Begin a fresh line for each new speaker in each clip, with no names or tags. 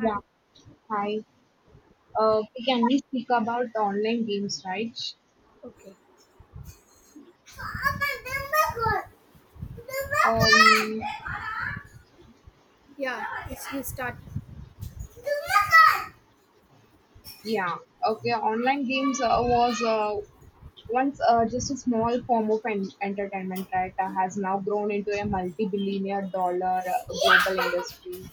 Yeah, hi. Okay, can we speak about online games, right?
Okay.
Um,
Yeah, it's you start.
yeah, okay. Online games was once just a small form of entertainment, right? Has now grown into a multi-billionaire dollar global industry,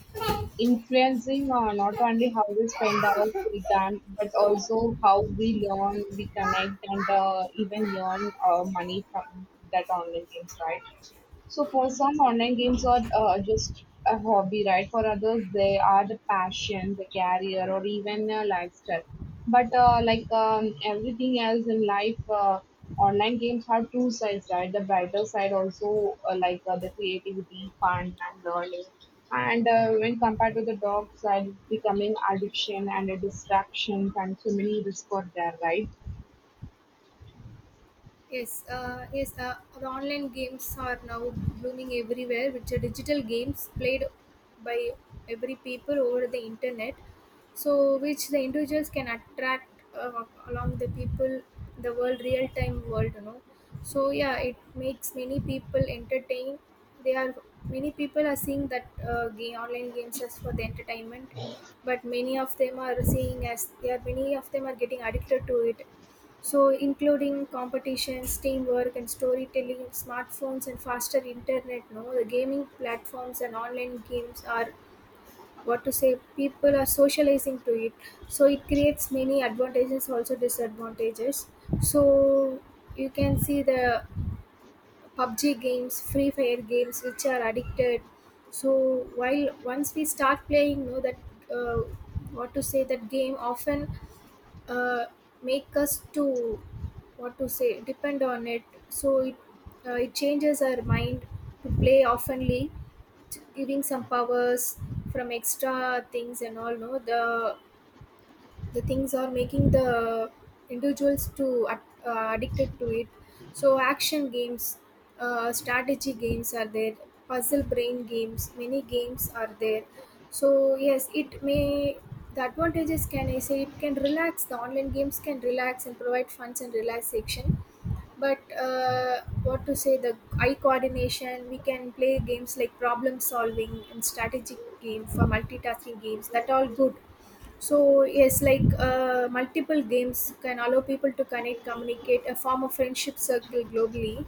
influencing not only how we spend our free time, but also how we learn, we connect, and even earn money from that online games, right? So for some, online games are just a hobby, right? For others, they are the passion, the career, or even a lifestyle. But like everything else in life, online games have two sides, right? The brighter side also, like the creativity, fun, and learning. And when compared to the dark side, it's becoming addiction and a distraction, and so many risks are there, right?
Yes. The online games are now blooming everywhere, which are digital games played by every people over the internet. So, which the individuals can attract along the people, the world, real time world, you know. So, yeah, it makes many people entertain. They are many people are seeing that game online games as for the entertainment, but many of them are seeing as they are many of them are getting addicted to it, so including competitions, teamwork, and storytelling, smartphones, and faster internet, no, the gaming platforms and online games are what to say people are socializing to it, so it creates many advantages also disadvantages. So you can see the pubg games, free fire games, which are addicted. So while once we start playing know that uh, what to say that game often uh, make us to what to say depend on it. So it changes our mind to play oftenly, giving some powers from extra things and all, no, the things are making the individuals to addicted to it. So action games, strategy games are there, puzzle brain games, many games are there. So yes, it may, the advantages, can I say, it can relax, the online games can relax and provide funds and relaxation. But what to say, the eye coordination, we can play games like problem solving and strategic game for multitasking games, that all good. So yes, like multiple games can allow people to connect, communicate, a form of friendship circle globally.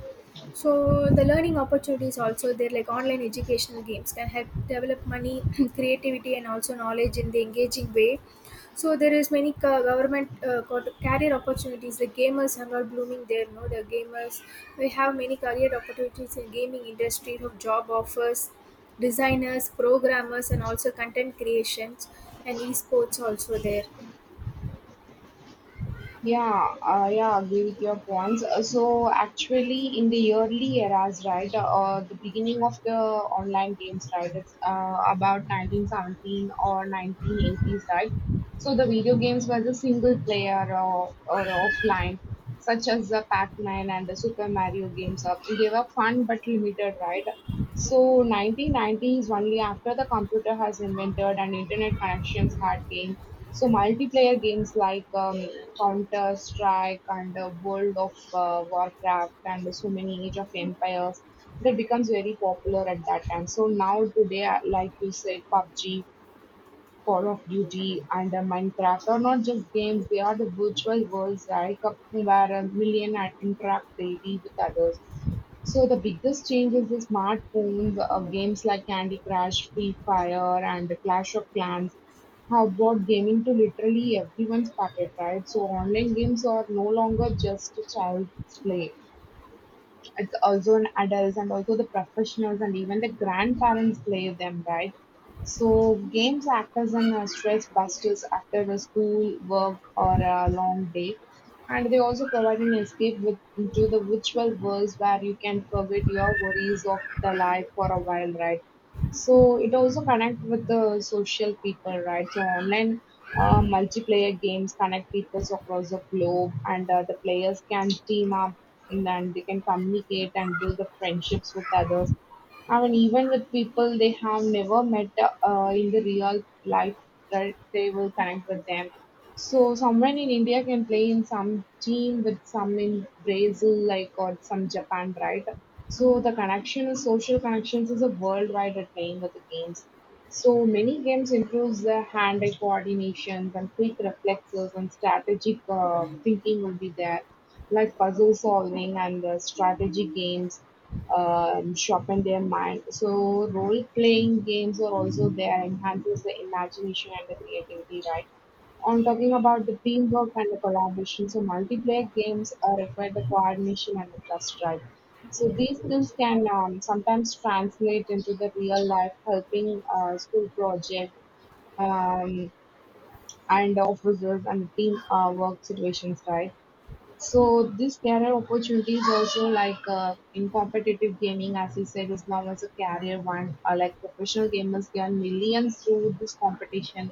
So the learning opportunities also there, like online educational games can help develop money creativity and also knowledge in the engaging way. So there is many government career opportunities. The gamers are not blooming there. No, the gamers, we have many career opportunities in gaming industry of job offers, designers, programmers, and also content creations, and esports also there.
Yeah, agree with your points. So actually, in the early eras, right, the beginning of the online games, right, it's about 1917 or 1980s, right. So the video games were the single player or offline, such as the Pac-Man and the Super Mario games up. They were fun but limited, right? So 1990s, only after the computer has invented and internet connections had came. So multiplayer games like Counter Strike and World of Warcraft and so many Age of Empires that becomes very popular at that time. So now today, like you said, PUBG, Call of Duty, and Minecraft are not just games, they are the virtual worlds like where a million and interact daily with others. So the biggest change is the smartphones of games like Candy Crush, Free Fire, and Clash of Clans have brought gaming to literally everyone's pocket, right? So online games are no longer just a child's play. It's also in adults and also the professionals, and even the grandparents play them, right? So games act as an stress busters after the school work or a long day, and they also provide an escape with, into the virtual worlds where you can forget your worries of the life for a while, right? So it also connect with the social people, right? So online multiplayer games connect people across the globe, and the players can team up, and then they can communicate and build the friendships with others. I mean, even with people they have never met in the real life, right? They will connect with them. So someone in India can play in some team with some in Brazil, like, or some Japan, right? So the connection is social connections is a worldwide at playing with the games. So many games improves the hand-eye coordination and quick reflexes and strategic thinking will be there. Like puzzle solving and the strategy games sharpen their mind. So role playing games are also there, enhances the imagination and the creativity, right? On talking about the teamwork and the collaboration, so multiplayer games require the coordination and the trust, right? So these skills can sometimes translate into the real life, helping school project, um, and officers and team work situations, right? So this, there are opportunities also like in competitive gaming, as you said, is now as a career one. Like professional gamers earn millions through this competition,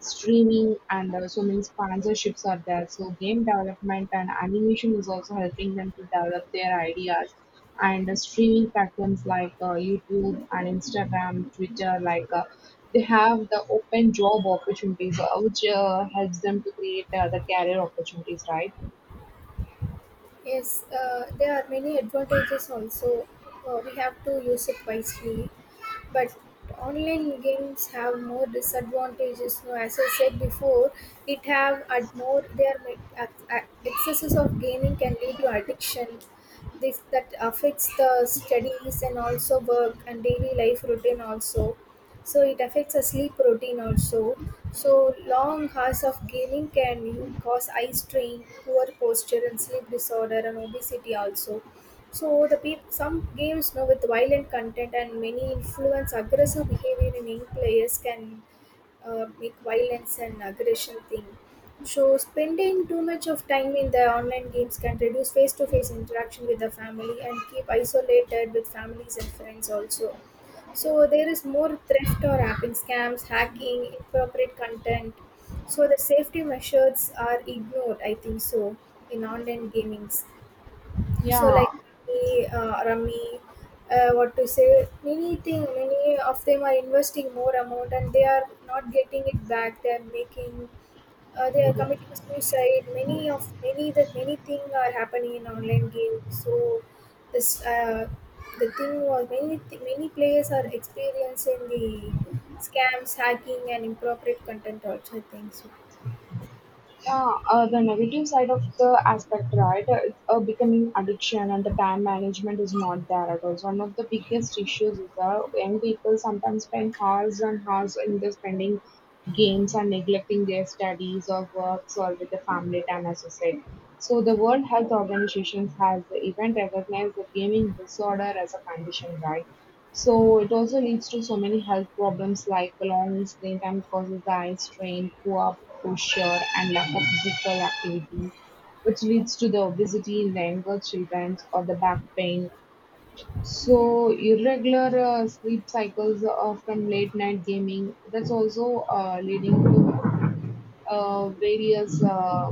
streaming, and so many sponsorships are there. So game development and animation is also helping them to develop their ideas. And streaming platforms like YouTube and Instagram, Twitter, they have the open job opportunities, which helps them to create the career opportunities, right?
Yes, there are many advantages also. We have to use it wisely. But online games have more disadvantages. No, as I said before, it have at more their excesses of gaming can lead to addiction. This that affects the studies and also work and daily life routine also. So it affects our sleep routine also. So long hours of gaming can cause eye strain, poor posture, and sleep disorder and obesity also. So the some games now with violent content and many influence aggressive behavior in young players can make violence and aggression thing. So spending too much of time in the online games can reduce face-to-face interaction with the family and keep isolated with families and friends also. So there is more theft or apping scams, hacking, inappropriate content. So the safety measures are ignored, I think so, in online gamings. So
Yeah,
like me, Rummy, what to say, many thing, many of them are investing more amount and they are not getting it back. They are making, they are committing suicide. Many of many that many thing are happening in online games. So this the thing was many many players are experiencing the scams, hacking, and inappropriate content also. I think so.
yeah. The negative side of the aspect, right? Becoming addiction, and the time management is not there at all. So one of the biggest issues is that young people sometimes spend hours and hours in the spending games and neglecting their studies or works or with the family time, as you said. So the World Health Organization has even recognized the gaming disorder as a condition, right? So it also leads to so many health problems like long screen time causes eye strain, poor posture, and lack of physical activity, which leads to the obesity in the younger children or the back pain. So irregular sleep cycles from late night gaming, that's also leading to various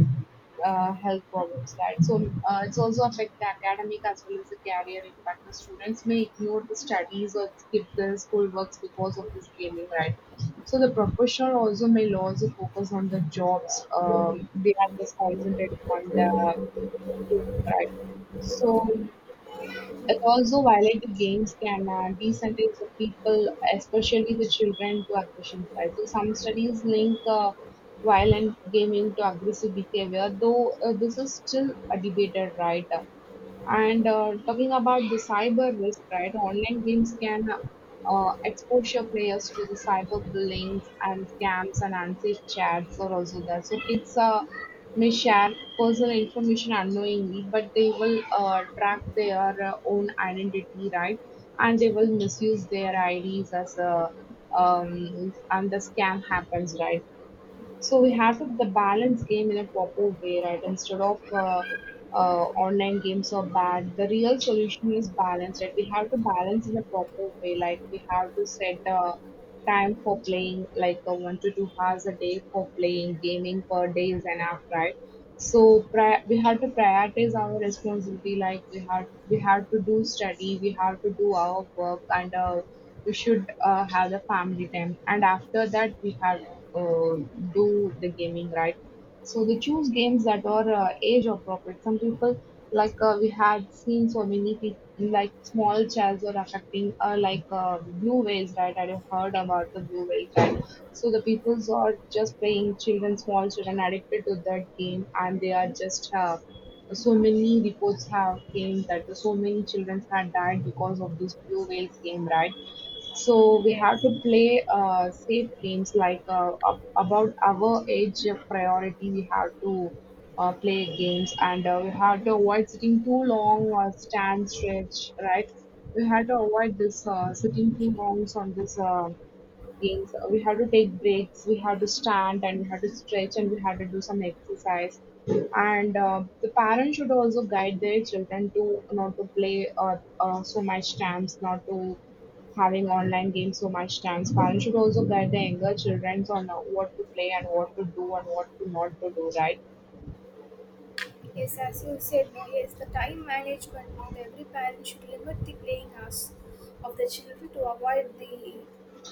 health problems, right? So it's also affect the academic as well as the career impact. The students may ignore the studies or skip the school works because of this gaming, right? So the professional also may lose the focus on the jobs. They are just concentrating on the game, right? So it also violates the games can desensitize the people, especially the children, to aggression side. So some studies link violent gaming to aggressive behavior, though this is still debated, right? And talking about the cyber risk, right? Online games can expose your players to the cyber bullying and scams, and unsafe chats are also there. So kids may share personal information unknowingly, but they will track their own identity, right? And they will misuse their IDs as a and the scam happens, right? So we have to the balance game in a proper way, right? Instead of online games are bad. The real solution is balance, right? We have to balance in a proper way. Like we have to set a time for playing, like a 1 to 2 hours a day for playing gaming per day is enough, right? So we had to prioritize our responsibility, like we had, we had to do study, we had to do our work, and we should have the family time, and after that we had uh, do the gaming, right? So we choose games that are age appropriate. Some people, we had seen so many people, like small chance are affecting blue whales, right? I have heard about the blue whales, right? So the peoples are just playing, children, small children addicted to that game, and they are just so many reports have came that so many children had died because of this blue whales game, right? So we have to
Yes.
play safe games like about our age priority. We have to play games, and we have to avoid sitting too long or stand stretch, right? We have to avoid this sitting too long on this. Games. We had to take breaks, we had to stand, and we had to stretch, and we had to do some exercise. And the parents should also guide their children to not to play so much times, not to having online games so much times. Parents should also guide their younger children on what to play and what to do and what to not to do, right?
Yes, as you said, no, yes, the time management, no, the every parent should limit the playing hours of the children to avoid the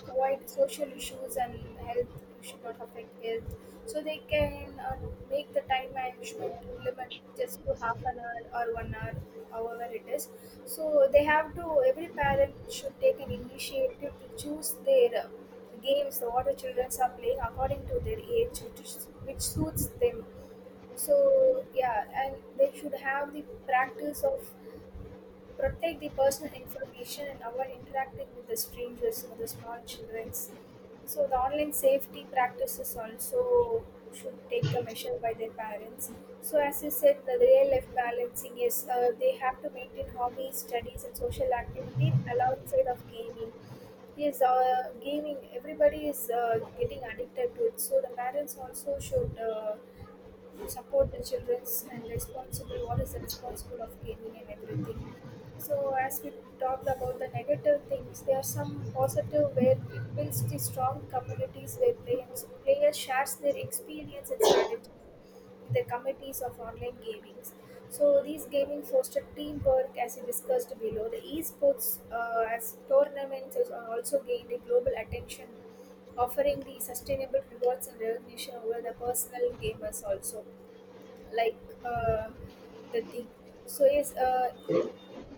avoid social issues and health, should not affect health. So they can make the time management to limit just to half an hour or one hour, however it is. So they have to every parent should take an initiative to choose their games, the what the children are playing according to their age, which suits them. So yeah, and they should have the practice of protect the personal information and avoid interacting with the strangers and the small childrens. So the online safety practices also should take a measure by their parents. So as you said, the real life balancing is, they have to maintain hobbies, studies, and social activity alongside of gaming. Yes, gaming. Everybody is getting addicted to it. So the parents also should support the children's and responsible, what is the responsible of gaming and everything. So as we talked about the negative things, there are some positive where it builds the strong communities where players shares their experience and strategy in the committees of online gamings. So these gaming foster teamwork, as we discussed below, the esports as tournaments has also gained a global attention, offering the sustainable rewards and recognition over the personal gamers also, like uh, the thing. So yes,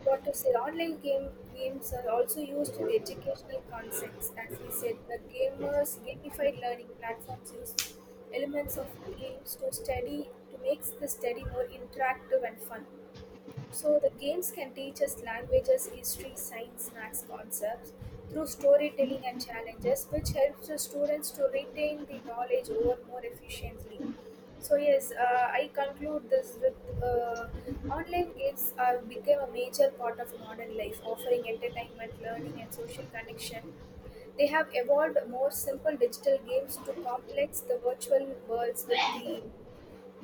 what to say, online game games are also used in the educational context, as we said, the gamers gamified learning platforms use elements of games to study, to make the study more interactive and fun. So the games can teach us languages, history, science, maths concepts through storytelling and challenges, which helps the students to retain the knowledge over more efficiently. So yes, I conclude this with, online games are became a major part of modern life, offering entertainment, learning, and social connection. They have evolved more simple digital games to complex the virtual worlds with the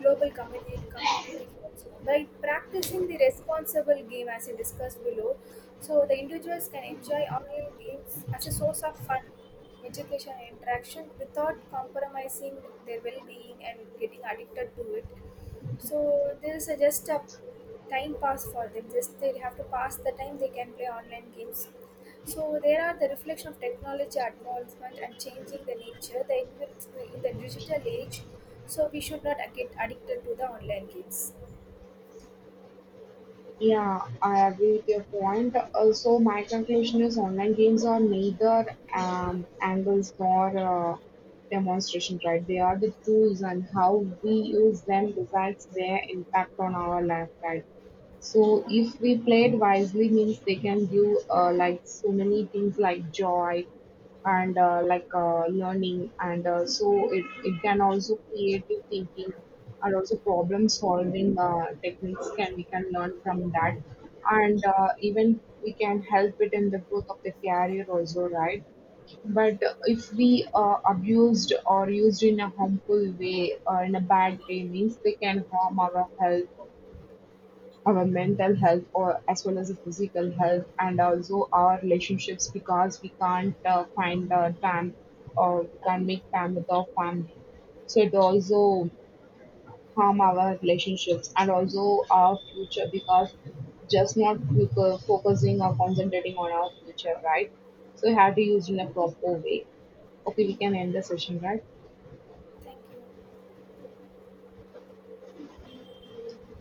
global community communities also, by practicing the responsible game as you discussed below. So the individuals can enjoy online games as a source of fun, education, and interaction without compromising their well-being and getting addicted to it. So there is a just a time pass for them, just they have to pass the time, they can play online games. So there are the reflection of technology advancement and changing the nature the, in the digital age. So we should not get addicted to the online games.
Yeah, I agree with your point. So my conclusion is online games are neither angles nor uh, demonstration, right? They are the tools, and how we use them decides their impact on our life, right? So if we play it wisely, means they can give like so many things like joy and learning, and so it can also creative thinking and also problem solving techniques can we can learn from that, and even we can help it in the growth of the career also, right? But if we abused or used in a harmful way or in a bad way, means they can harm our health, our mental health, or as well as the physical health, and also our relationships, because we can't find time, or we can't make time with our family. So it also harm our relationships and also our future, because just not focusing or concentrating on our future, right? So you have to use in a proper way. Okay, we can end the session, right?
Thank you.